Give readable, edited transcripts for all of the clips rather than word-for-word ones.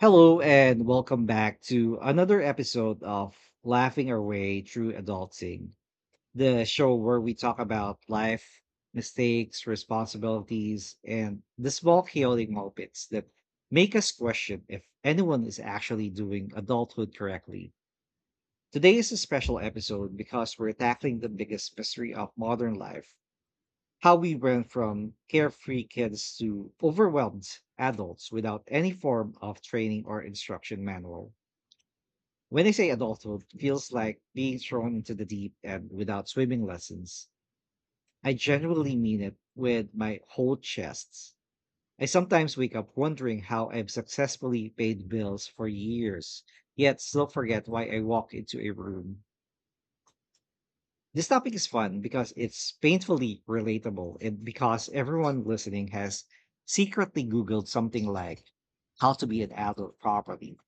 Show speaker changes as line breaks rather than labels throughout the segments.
Hello and welcome back to another episode of Laughing Our Way Through Adulting, the show where we talk about life, mistakes, responsibilities, and the small chaotic moments that make us question if anyone is actually doing adulthood correctly. Today is a special episode because we're tackling the biggest mystery of modern life: how we went from carefree kids to overwhelmed adults without any form of training or instruction manual. When I say adulthood feels like being thrown into the deep end without swimming lessons, I genuinely mean it with my whole chest. I sometimes wake up wondering how I've successfully paid bills for years, yet still forget why I walk into a room. This topic is fun because it's painfully relatable and because everyone listening has secretly Googled something like how to be an adult properly.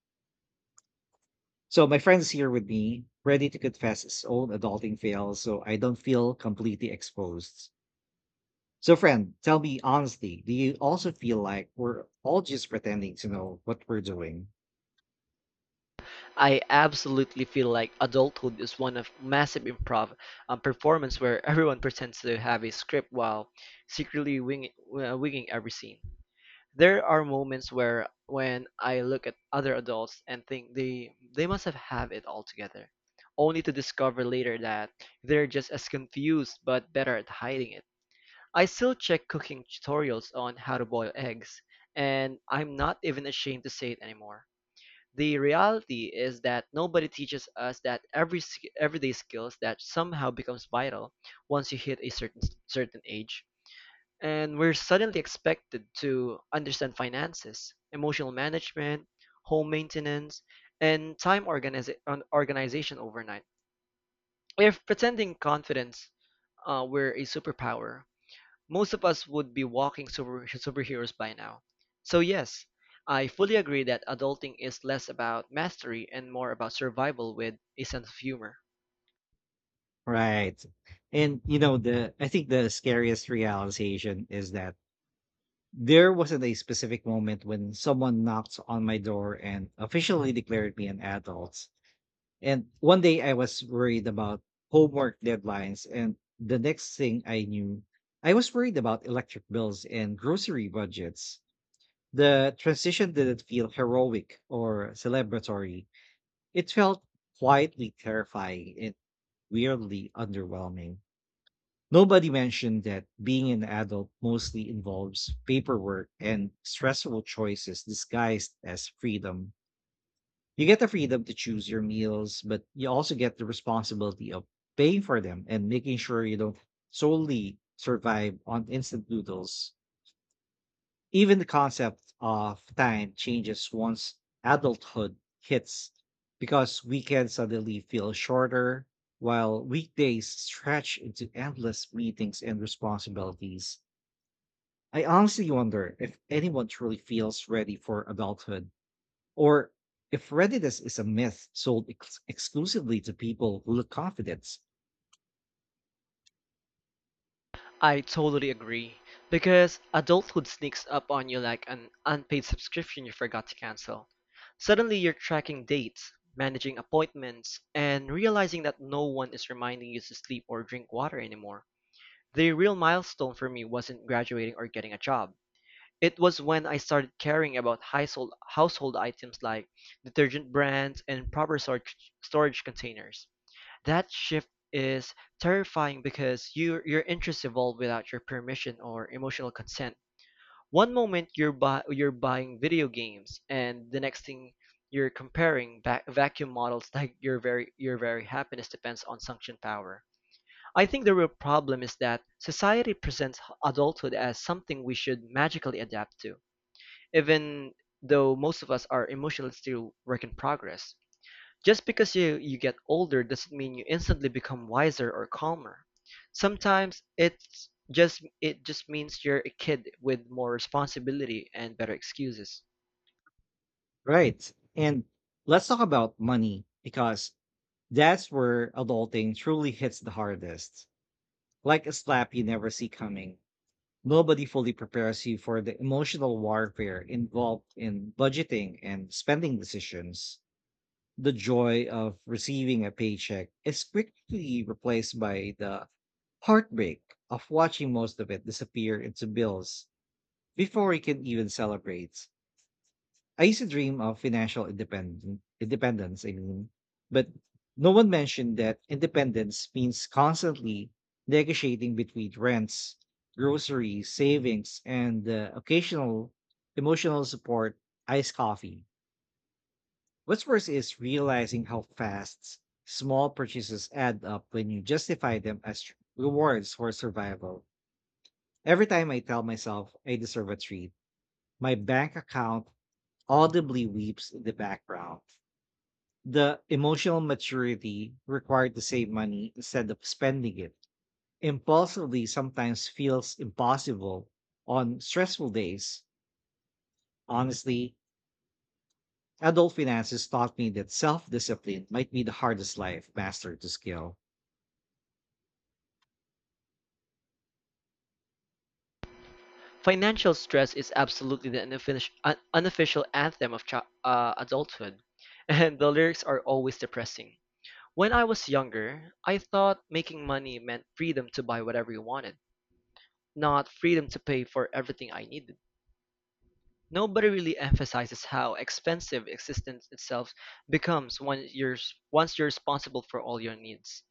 So my friend's here with me, ready to confess his own adulting fails so I don't feel completely exposed. So friend, tell me honestly, do you also feel like we're all just pretending to know what we're doing?
I absolutely feel like adulthood is one of massive improv performance where everyone pretends to have a script while secretly winging every scene. There are moments where when I look at other adults and think they must have it all together, only to discover later that they're just as confused but better at hiding it. I still check cooking tutorials on how to boil eggs, and I'm not even ashamed to say it anymore. The reality is that nobody teaches us that everyday skills that somehow becomes vital once you hit a certain age. And we're suddenly expected to understand finances, emotional management, home maintenance, and organization overnight. If pretending confidence were a superpower, most of us would be walking superheroes by now. So, yes, I fully agree that adulting is less about mastery and more about survival with a sense of humor.
Right. And you know, the I think the scariest realization is that there wasn't a specific moment when someone knocked on my door and officially declared me an adult. And one day I was worried about homework deadlines, and the next thing I knew, I was worried about electric bills and grocery budgets. The transition didn't feel heroic or celebratory. It felt quietly terrifying and weirdly underwhelming. Nobody mentioned that being an adult mostly involves paperwork and stressful choices disguised as freedom. You get the freedom to choose your meals, but you also get the responsibility of paying for them and making sure you don't solely survive on instant noodles. Even the concept of time changes once adulthood hits because weekends suddenly feel shorter, while weekdays stretch into endless meetings and responsibilities. I honestly wonder if anyone truly feels ready for adulthood, or if readiness is a myth sold exclusively to people who look confident.
I totally agree, because adulthood sneaks up on you like an unpaid subscription you forgot to cancel. Suddenly, you're tracking dates, managing appointments, and realizing that no one is reminding you to sleep or drink water anymore. The real milestone for me wasn't graduating or getting a job. It was when I started caring about household items like detergent brands and proper storage containers. That shift is terrifying because your interests evolve without your permission or emotional consent. One moment you're buy, you're buying video games, and the next thing you're comparing vacuum models like your very happiness depends on suction power. I think the real problem is that society presents adulthood as something we should magically adapt to even though most of us are emotionally still work in progress. Just because you get older doesn't mean you instantly become wiser or calmer. Sometimes it just means you're a kid with more responsibility and better excuses.
Right. And let's talk about money because that's where adulting truly hits the hardest. Like a slap you never see coming. Nobody fully prepares you for the emotional warfare involved in budgeting and spending decisions. The joy of receiving a paycheck is quickly replaced by the heartbreak of watching most of it disappear into bills before I can even celebrate. I used to dream of financial independence. Independence, I mean, but no one mentioned that independence means constantly negotiating between rents, groceries, savings, and the occasional emotional support, iced coffee. What's worse is realizing how fast small purchases add up when you justify them as rewards for survival. Every time I tell myself I deserve a treat, my bank account audibly weeps in the background. The emotional maturity required to save money instead of spending it impulsively sometimes feels impossible on stressful days. Honestly, adult finances taught me that self discipline might be the hardest life master to skill.
Financial stress is absolutely the unofficial anthem of adulthood, and the lyrics are always depressing. When I was younger, I thought making money meant freedom to buy whatever you wanted, not freedom to pay for everything I needed. Nobody really emphasizes how expensive existence itself becomes once you're responsible for all your needs.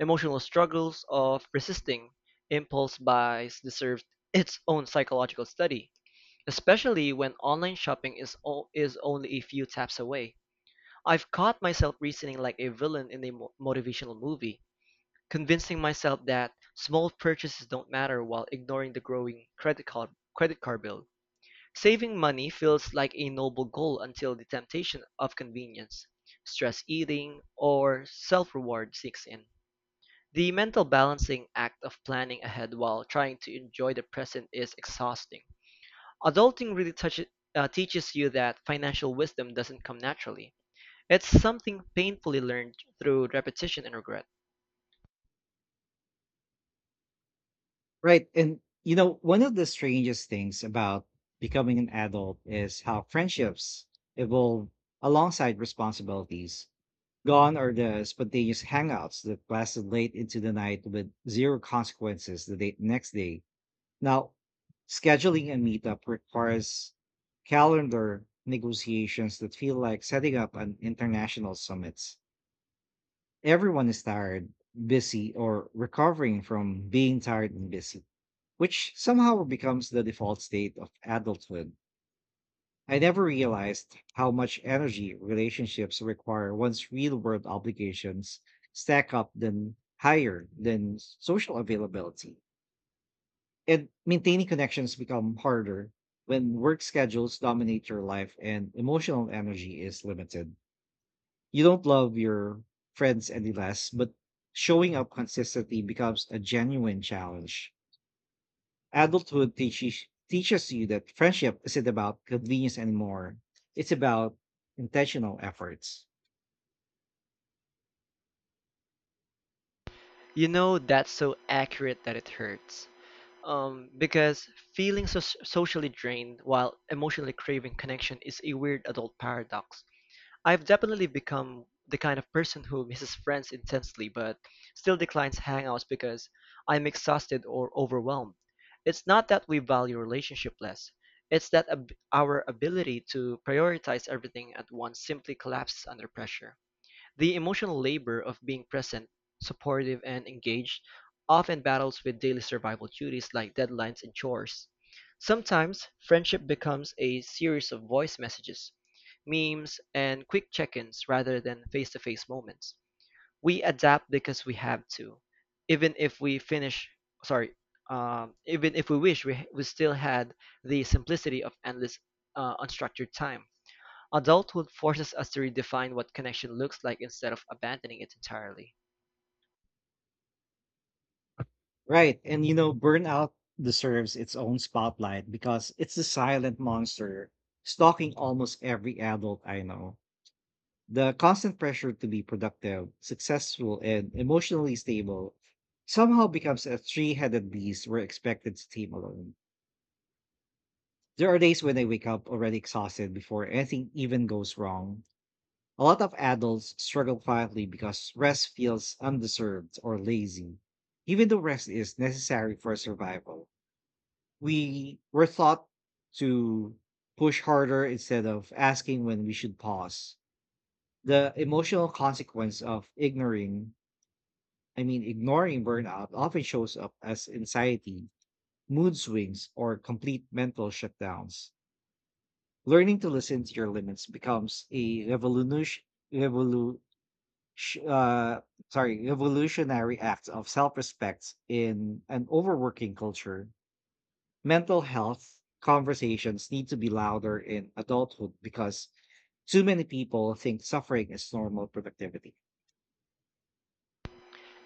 Emotional struggles of resisting impulse buys deserve its own psychological study, especially when online shopping is only a few taps away. I've caught myself reasoning like a villain in a motivational movie, convincing myself that small purchases don't matter while ignoring the growing credit card bill. Saving money feels like a noble goal until the temptation of convenience, stress eating, or self-reward sneaks in. The mental balancing act of planning ahead while trying to enjoy the present is exhausting. Adulting really teaches you that financial wisdom doesn't come naturally. It's something painfully learned through repetition and regret.
Right. And, you know, one of the strangest things about becoming an adult is how friendships evolve alongside responsibilities. Gone are the spontaneous hangouts that lasted late into the night with zero consequences next day. Now, scheduling a meetup requires calendar negotiations that feel like setting up an international summit. Everyone is tired, busy, or recovering from being tired and busy, which somehow becomes the default state of adulthood. I never realized how much energy relationships require once real world obligations stack up than higher than social availability. And maintaining connections become harder when work schedules dominate your life and emotional energy is limited. You don't love your friends any less, but showing up consistently becomes a genuine challenge. Adulthood teaches you that friendship isn't about convenience anymore. It's about intentional efforts.
You know that's so accurate that it hurts. Because feeling so socially drained while emotionally craving connection is a weird adult paradox. I've definitely become the kind of person who misses friends intensely but still declines hangouts because I'm exhausted or overwhelmed. It's not that we value relationship less. It's that our ability to prioritize everything at once simply collapses under pressure. The emotional labor of being present, supportive, and engaged often battles with daily survival duties like deadlines and chores. Sometimes, friendship becomes a series of voice messages, memes, and quick check ins rather than face to face moments. We adapt because we have to, even if we finish, sorry, even if we wish we still had the simplicity of endless unstructured time. Adulthood forces us to redefine what connection looks like instead of abandoning it entirely.
Right. And you know, burnout deserves its own spotlight because it's the silent monster stalking almost every adult I know. The constant pressure to be productive, successful, and emotionally stable somehow becomes a three-headed beast we're expected to tame alone. There are days when I wake up already exhausted before anything even goes wrong. A lot of adults struggle quietly because rest feels undeserved or lazy. Even though rest is necessary for survival, we were taught to push harder instead of asking when we should pause. The emotional consequence of ignoring burnout often shows up as anxiety, mood swings, or complete mental shutdowns. Learning to listen to your limits becomes a sh- uh, revolutionary acts of self-respect in an overworking culture. Mental health conversations need to be louder in adulthood because too many people think suffering is normal productivity.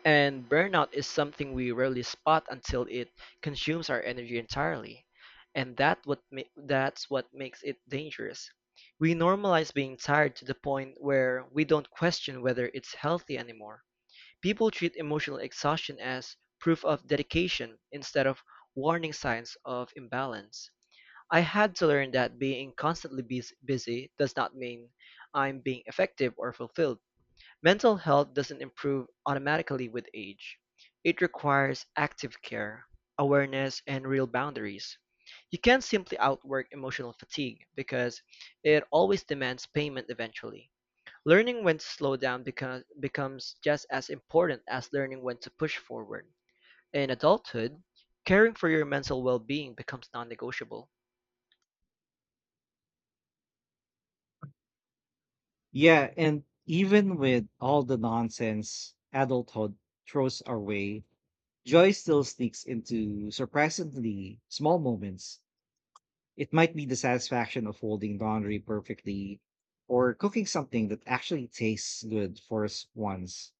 And burnout is something we rarely spot until it consumes our energy entirely. And that's what makes it dangerous. We normalize being tired to the point where we don't question whether it's healthy anymore. People treat emotional exhaustion as proof of dedication instead of warning signs of imbalance. I had to learn that being constantly busy does not mean I'm being effective or fulfilled. Mental health doesn't improve automatically with age. It requires active care, awareness, and real boundaries. You can't simply outwork emotional fatigue because it always demands payment eventually. Learning when to slow down becomes just as important as learning when to push forward. In adulthood, caring for your mental well being becomes non negotiable.
Yeah, and even with all the nonsense adulthood throws our way, joy still sneaks into surprisingly small moments. It might be the satisfaction of folding laundry perfectly or cooking something that actually tastes good for us once.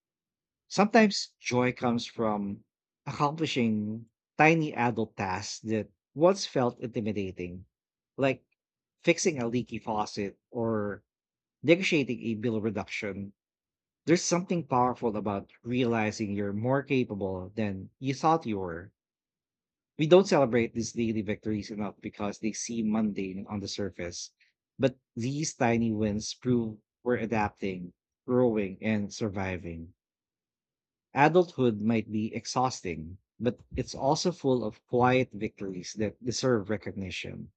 Sometimes joy comes from accomplishing tiny adult tasks that once felt intimidating, like fixing a leaky faucet or negotiating a bill reduction. There's something powerful about realizing you're more capable than you thought you were. We don't celebrate these daily victories enough because they seem mundane on the surface. But these tiny wins prove we're adapting, growing, and surviving. Adulthood might be exhausting, but it's also full of quiet victories that deserve recognition.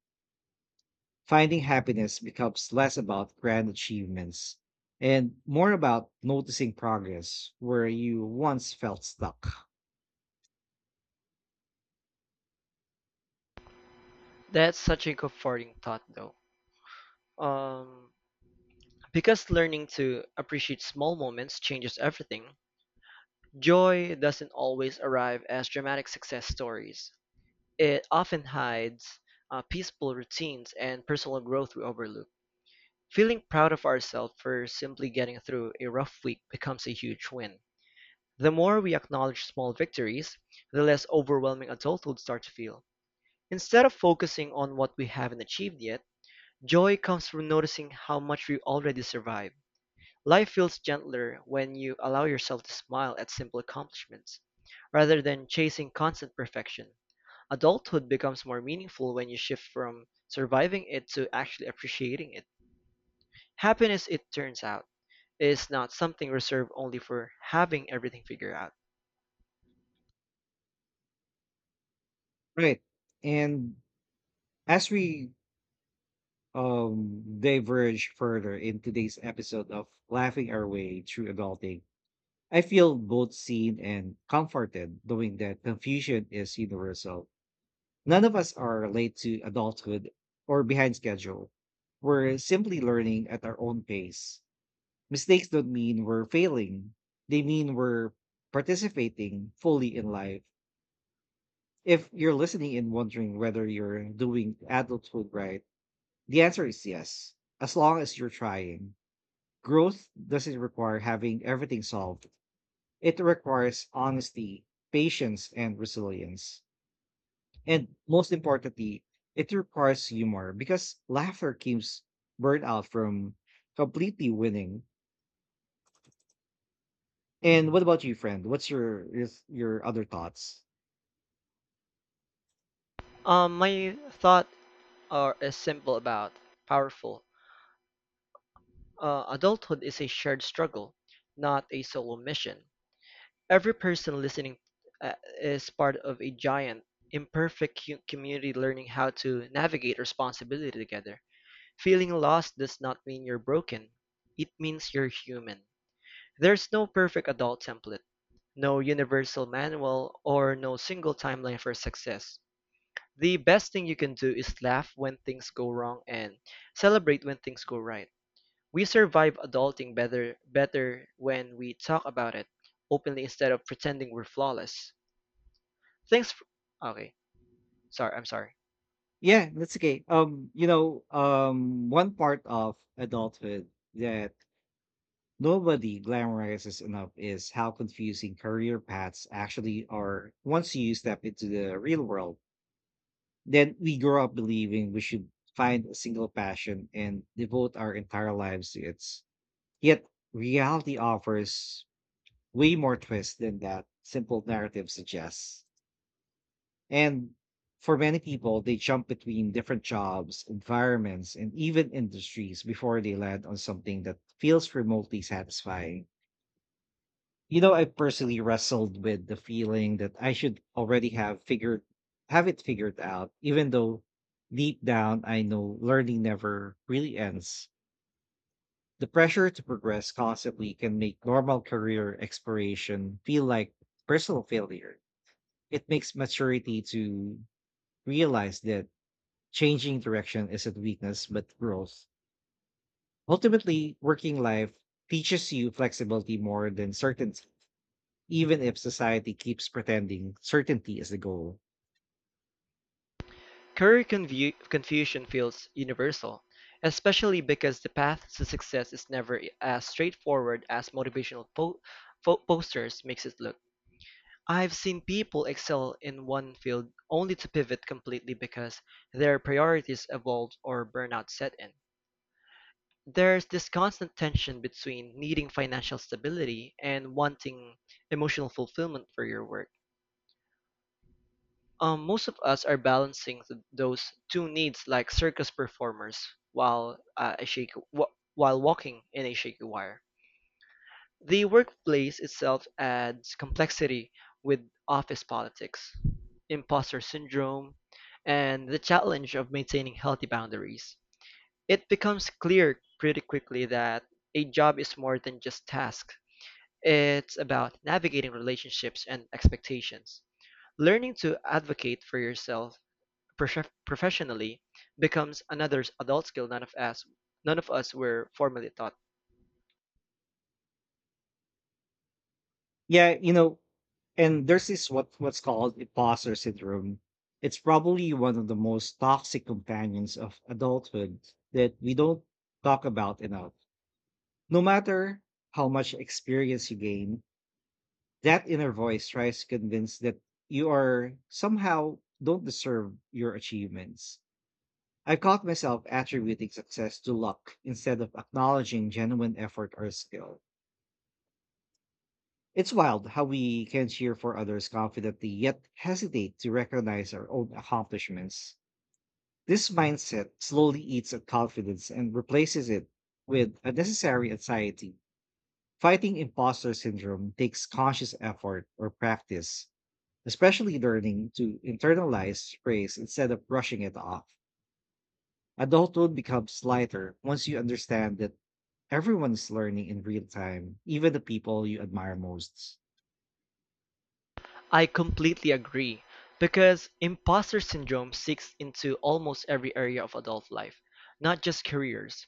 Finding happiness becomes less about grand achievements and more about noticing progress where you once felt stuck.
That's such a comforting thought, though. Um, because learning to appreciate small moments changes everything. Joy doesn't always arrive as dramatic success stories. It often hides peaceful routines and personal growth we overlook. Feeling proud of ourselves for simply getting through a rough week becomes a huge win. The more we acknowledge small victories, the less overwhelming adulthood starts to feel. Instead of focusing on what we haven't achieved yet, joy comes from noticing how much we already survived. Life feels gentler when you allow yourself to smile at simple accomplishments, rather than chasing constant perfection. Adulthood becomes more meaningful when you shift from surviving it to actually appreciating it. Happiness, it turns out, is not something reserved only for having everything figured out.
Right. And as we diverge further in today's episode of Laughing Our Way Through Adulting, I feel both seen and comforted knowing that confusion is universal. None of us are late to adulthood or behind schedule. We're simply learning at our own pace. Mistakes don't mean we're failing, they mean we're participating fully in life. If you're listening and wondering whether you're doing adulthood right, the answer is yes, as long as you're trying. Growth doesn't require having everything solved, it requires honesty, patience, and resilience. And most importantly, it requires humor because laughter keeps burnout from completely winning. And what about you, friend? What's your other thoughts?
My thought are is simple about powerful. Adulthood is a shared struggle, not a solo mission. Every person listening uh, is part of a giant, imperfect community learning how to navigate responsibility together. Feeling lost does not mean you're broken, it means you're human. There's no perfect adult template, no universal manual, or no single timeline for success. The best thing you can do is laugh when things go wrong and celebrate when things go right. We survive adulting better when we talk about it openly instead of pretending we're flawless. Thanks for, okay, sorry, I'm sorry.
Yeah, that's okay. You know, one part of adulthood that nobody glamorizes enough is how confusing career paths actually are once you step into the real world. Then we grow up believing we should find a single passion and devote our entire lives to it. Yet reality offers way more twists than that simple narrative suggests. And for many people, they jump between different jobs, environments, and even industries before they land on something that feels remotely satisfying. You know, I personally wrestled with the feeling that I should already have figured have it figured out, even though deep down I know learning never really ends. The pressure to progress constantly can make normal career exploration feel like personal failure. It makes maturity to realize that changing direction isn't weakness but growth. Ultimately, working life teaches you flexibility more than certainty, even if society keeps pretending certainty is the goal.
Career confusion feels universal, especially because the path to success is never as straightforward as motivational posters makes it look. I've seen people excel in one field only to pivot completely because their priorities evolved or burnout set in. There's this constant tension between needing financial stability and wanting emotional fulfillment for your work. Most of us are balancing those two needs like circus performers while uh, a shaky, wa while walking in a shaky wire. The workplace itself adds complexity with office politics, imposter syndrome, and the challenge of maintaining healthy boundaries. It becomes clear pretty quickly that a job is more than just tasks. It's about navigating relationships and expectations. Learning to advocate for yourself professionally becomes another adult skill none of us were formally taught.
Yeah, you know, and there's this what's called imposter syndrome. It's probably one of the most toxic companions of adulthood that we don't talk about enough. No matter how much experience you gain, that inner voice tries to convince that you are somehow don't deserve your achievements. I caught myself attributing success to luck instead of acknowledging genuine effort or skill. It's wild how we can cheer for others confidently yet hesitate to recognize our own accomplishments. This mindset slowly eats at confidence and replaces it with unnecessary anxiety. Fighting imposter syndrome takes conscious effort or practice, especially learning to internalize praise instead of brushing it off. Adulthood becomes lighter once you understand that everyone is learning in real time, even the people you admire most.
I completely agree because imposter syndrome seeks into almost every area of adult life, not just careers.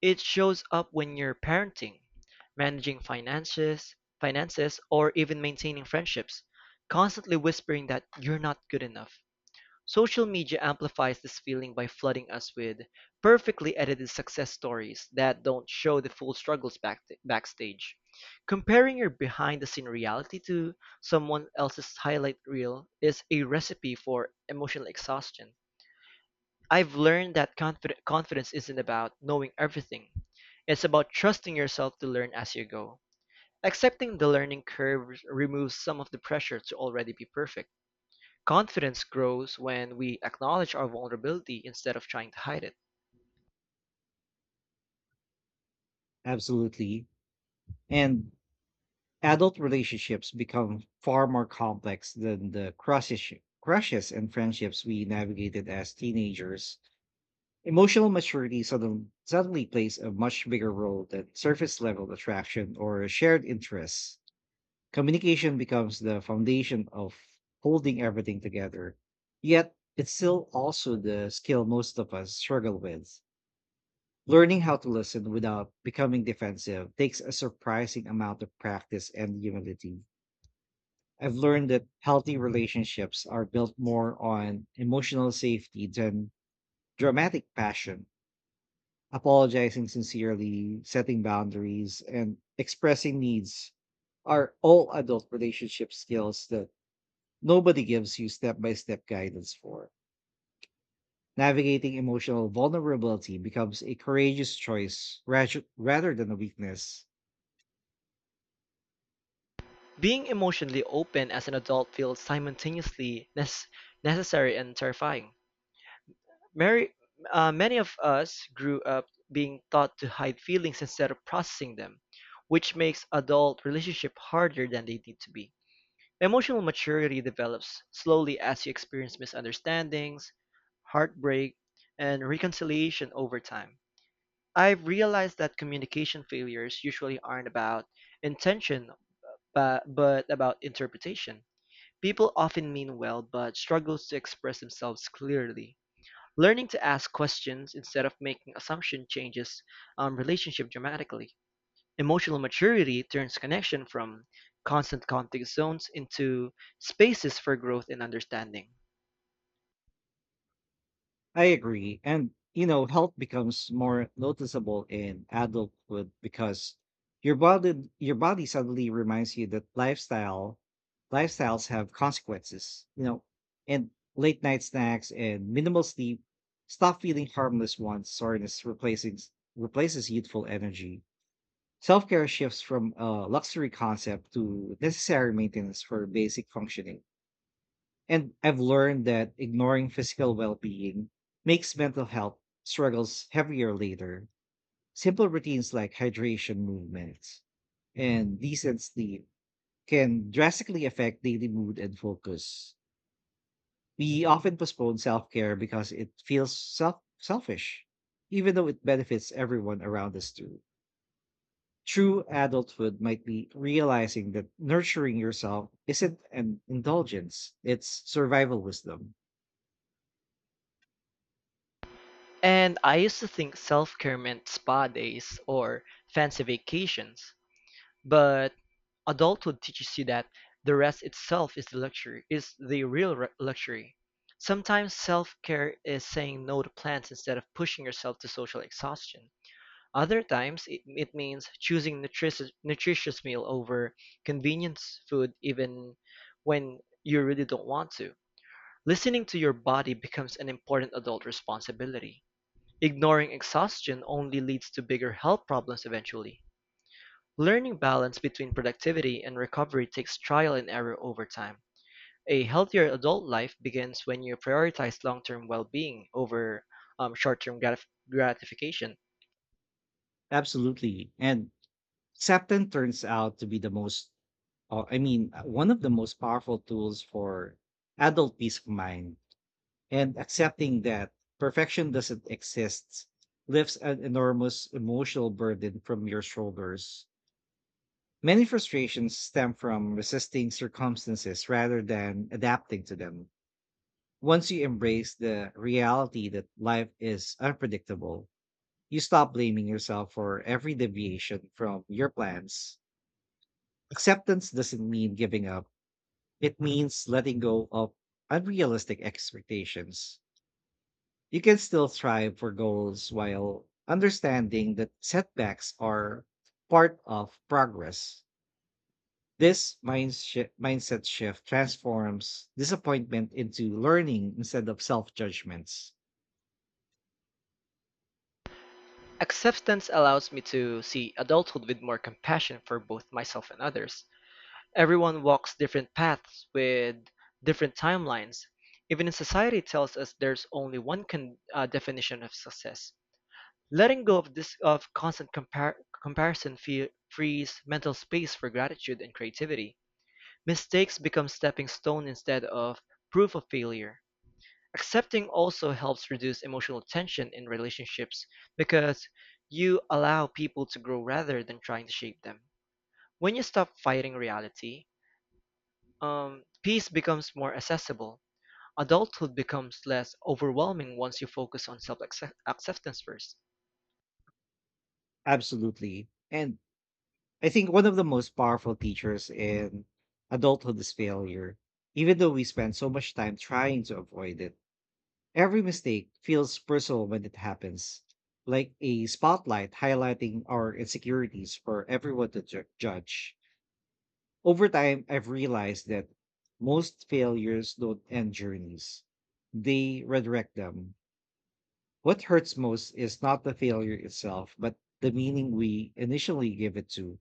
It shows up when you're parenting, managing finances, or even maintaining friendships, constantly whispering that you're not good enough. Social media amplifies this feeling by flooding us with perfectly edited success stories that don't show the full struggles backstage. Comparing your behind the scene reality to someone else's highlight reel is a recipe for emotional exhaustion. I've learned that confidence isn't about knowing everything. It's about trusting yourself to learn as you go. Accepting the learning curve removes some of the pressure to already be perfect. Confidence grows when we acknowledge our vulnerability instead of trying to hide it.
Absolutely. And adult relationships become far more complex than the crushes and friendships we navigated as teenagers. Emotional maturity suddenly plays a much bigger role than surface level attraction or shared interests. Communication becomes the foundation of holding everything together. Yet, it's still also the skill most of us struggle with. Learning how to listen without becoming defensive takes a surprising amount of practice and humility. I've learned that healthy relationships are built more on emotional safety than dramatic passion, apologizing sincerely, setting boundaries, and expressing needs are all adult relationship skills that nobody gives you step by step guidance for. Navigating emotional vulnerability becomes a courageous choice rather than a weakness.
Being emotionally open as an adult feels simultaneously necessary and terrifying. Mary, Many of us grew up being taught to hide feelings instead of processing them, which makes adult relationship harder than they need to be. Emotional maturity develops slowly as you experience misunderstandings, heartbreak, and reconciliation over time. I've realized that communication failures usually aren't about intention, but about interpretation. People often mean well but struggle to express themselves clearly. Learning to ask questions instead of making assumption changes relationship dramatically. Emotional maturity turns connection from constant conflict zones into spaces for growth and understanding.
I agree. And, you know, health becomes more noticeable in adulthood because your body suddenly reminds you that lifestyles have consequences, you know, and late night snacks and minimal sleep stop feeling harmless once soreness replacing replaces youthful energy. Self-care shifts from a luxury concept to necessary maintenance for basic functioning. And I've learned that ignoring physical well being makes mental health struggles heavier later. Simple routines like hydration, movement, and decent sleep can drastically affect daily mood and focus. We often postpone self care because it feels selfish, even though it benefits everyone around us too. True adulthood might be realizing that nurturing yourself isn't an indulgence, it's survival wisdom.
And I used to think self-care meant spa days or fancy vacations, but adulthood teaches you that the rest itself is the luxury, is the real luxury. Sometimes self-care is saying no to plans instead of pushing yourself to social exhaustion. Other times, it means choosing nutritious meal over convenience food even when you really don't want to. Listening to your body becomes an important adult responsibility. Ignoring exhaustion only leads to bigger health problems eventually. Learning balance between productivity and recovery takes trial and error over time. A healthier adult life begins when you prioritize long term well being over short term gratification.
Absolutely. And Septon turns out to be the most, I mean, one of the most powerful tools for adult peace of mind. And accepting that perfection doesn't exist lifts an enormous emotional burden from your shoulders. Many frustrations stem from resisting circumstances rather than adapting to them. Once you embrace the reality that life is unpredictable, you stop blaming yourself for every deviation from your plans. Acceptance doesn't mean giving up, it means letting go of unrealistic expectations. You can still strive for goals while understanding that setbacks are part of progress. This mindset shift transforms disappointment into learning instead of self judgments.
Acceptance allows me to see adulthood with more compassion for both myself and others. Everyone walks different paths with different timelines. Even in society tells us there's only definition of success. Letting go of this of constant comparison frees mental space for gratitude and creativity. Mistakes become stepping stone instead of proof of failure. Accepting also helps reduce emotional tension in relationships because you allow people to grow rather than trying to shape them. When you stop fighting reality, peace becomes more accessible. Adulthood becomes less overwhelming once you focus on self acceptance first.
Absolutely. And I think one of the most powerful teachers in adulthood is failure. Even though we spend so much time trying to avoid it, every mistake feels personal when it happens, like a spotlight highlighting our insecurities for everyone to judge. Over time, I've realized that most failures don't end journeys, they redirect them. What hurts most is not the failure itself, but the meaning we initially give it to.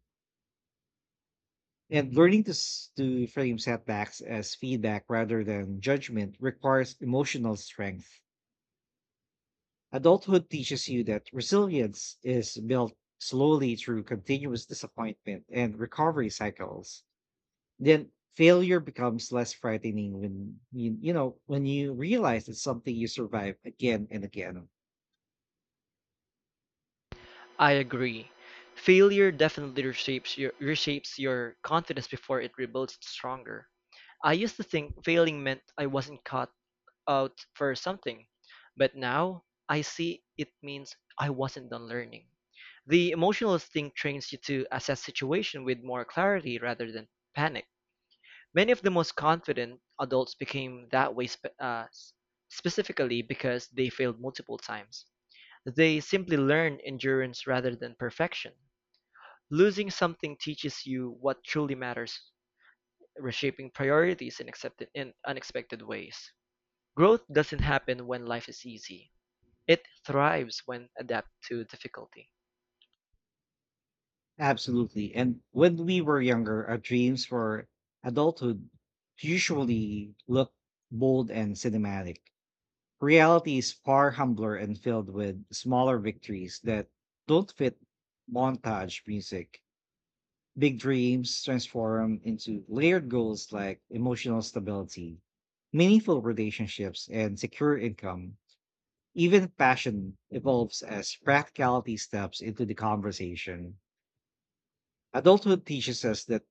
And learning to frame setbacks as feedback rather than judgment requires emotional strength. Adulthood teaches you that resilience is built slowly through continuous disappointment and recovery cycles. Then failure becomes less frightening when you know when you realize it's something you survive again and again.
I agree. Failure definitely reshapes your confidence before it rebuilds it stronger. I used to think failing meant I wasn't caught out for something. But now I see it means I wasn't done learning. The emotional instinct trains you to assess situation with more clarity rather than panic. Many of the most confident adults became that way specifically because they failed multiple times. They simply learn endurance rather than perfection. Losing something teaches you what truly matters, reshaping priorities in accepted in unexpected ways. Growth doesn't happen when life is easy. It thrives when adapted to difficulty.
Absolutely. And when we were younger, our dreams for adulthood usually look bold and cinematic. Reality is far humbler and filled with smaller victories that don't fit montage music. Big dreams transform into layered goals like emotional stability, meaningful relationships, and secure income. Even passion evolves as practicality steps into the conversation. Adulthood teaches us that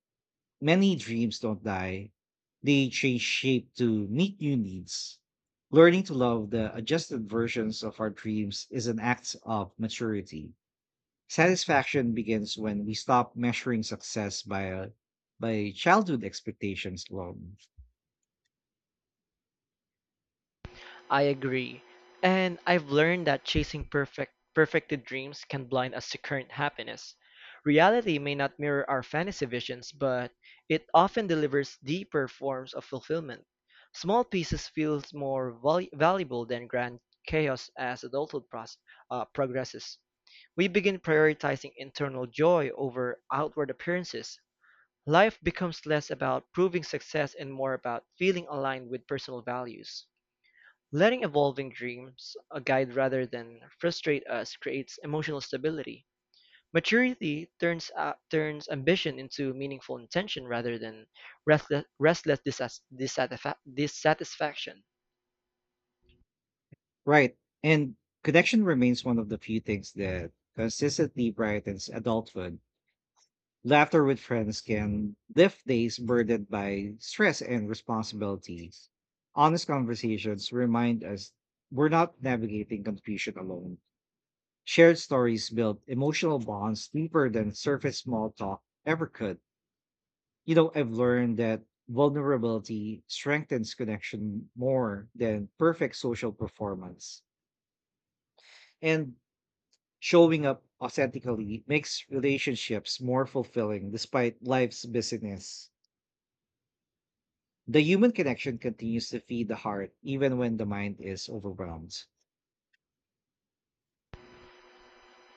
many dreams don't die, they change shape to meet new needs. Learning to love the adjusted versions of our dreams is an act of maturity. Satisfaction begins when we stop measuring success by childhood expectations alone.
I agree. And I've learned that chasing perfected dreams can blind us to current happiness. Reality may not mirror our fantasy visions, but it often delivers deeper forms of fulfillment. Small pieces feel more valuable than grand chaos as adulthood progresses. We begin prioritizing internal joy over outward appearances. Life becomes less about proving success and more about feeling aligned with personal values. Letting evolving dreams a guide rather than frustrate us creates emotional stability. Turns ambition into meaningful intention rather than restless dissatisfaction.
Right. And connection remains one of the few things that consistently brightens adulthood. Laughter with friends can lift days burdened by stress and responsibilities. Honest conversations remind us we're not navigating confusion alone. Shared stories build emotional bonds deeper than surface small talk ever could. You know, I've learned that vulnerability strengthens connection more than perfect social performance. And showing up authentically makes relationships more fulfilling despite life's busyness. The human connection continues to feed the heart even when the mind is overwhelmed.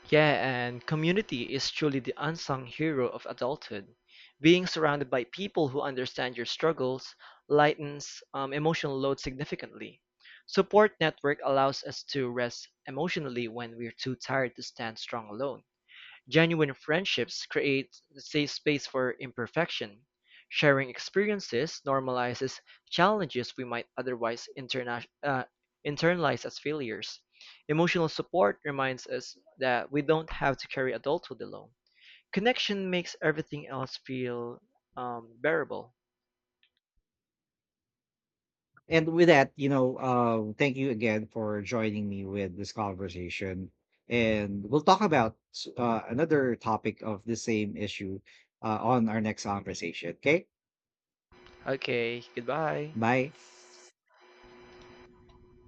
Yeah, and community is truly the unsung hero of adulthood. Being surrounded by people who understand your struggles lightens emotional load significantly. Support network allows us to rest emotionally when we're too tired to stand strong alone. Genuine friendships create safe space for imperfection. Sharing experiences normalizes challenges we might otherwise internalize as failures. Emotional support reminds us that we don't have to carry adulthood alone. Connection makes everything else feel bearable.
And with that, you know, thank you again for joining me with this conversation. And we'll talk about another topic of the same issue on our next conversation. Okay.
Okay, goodbye.
Bye.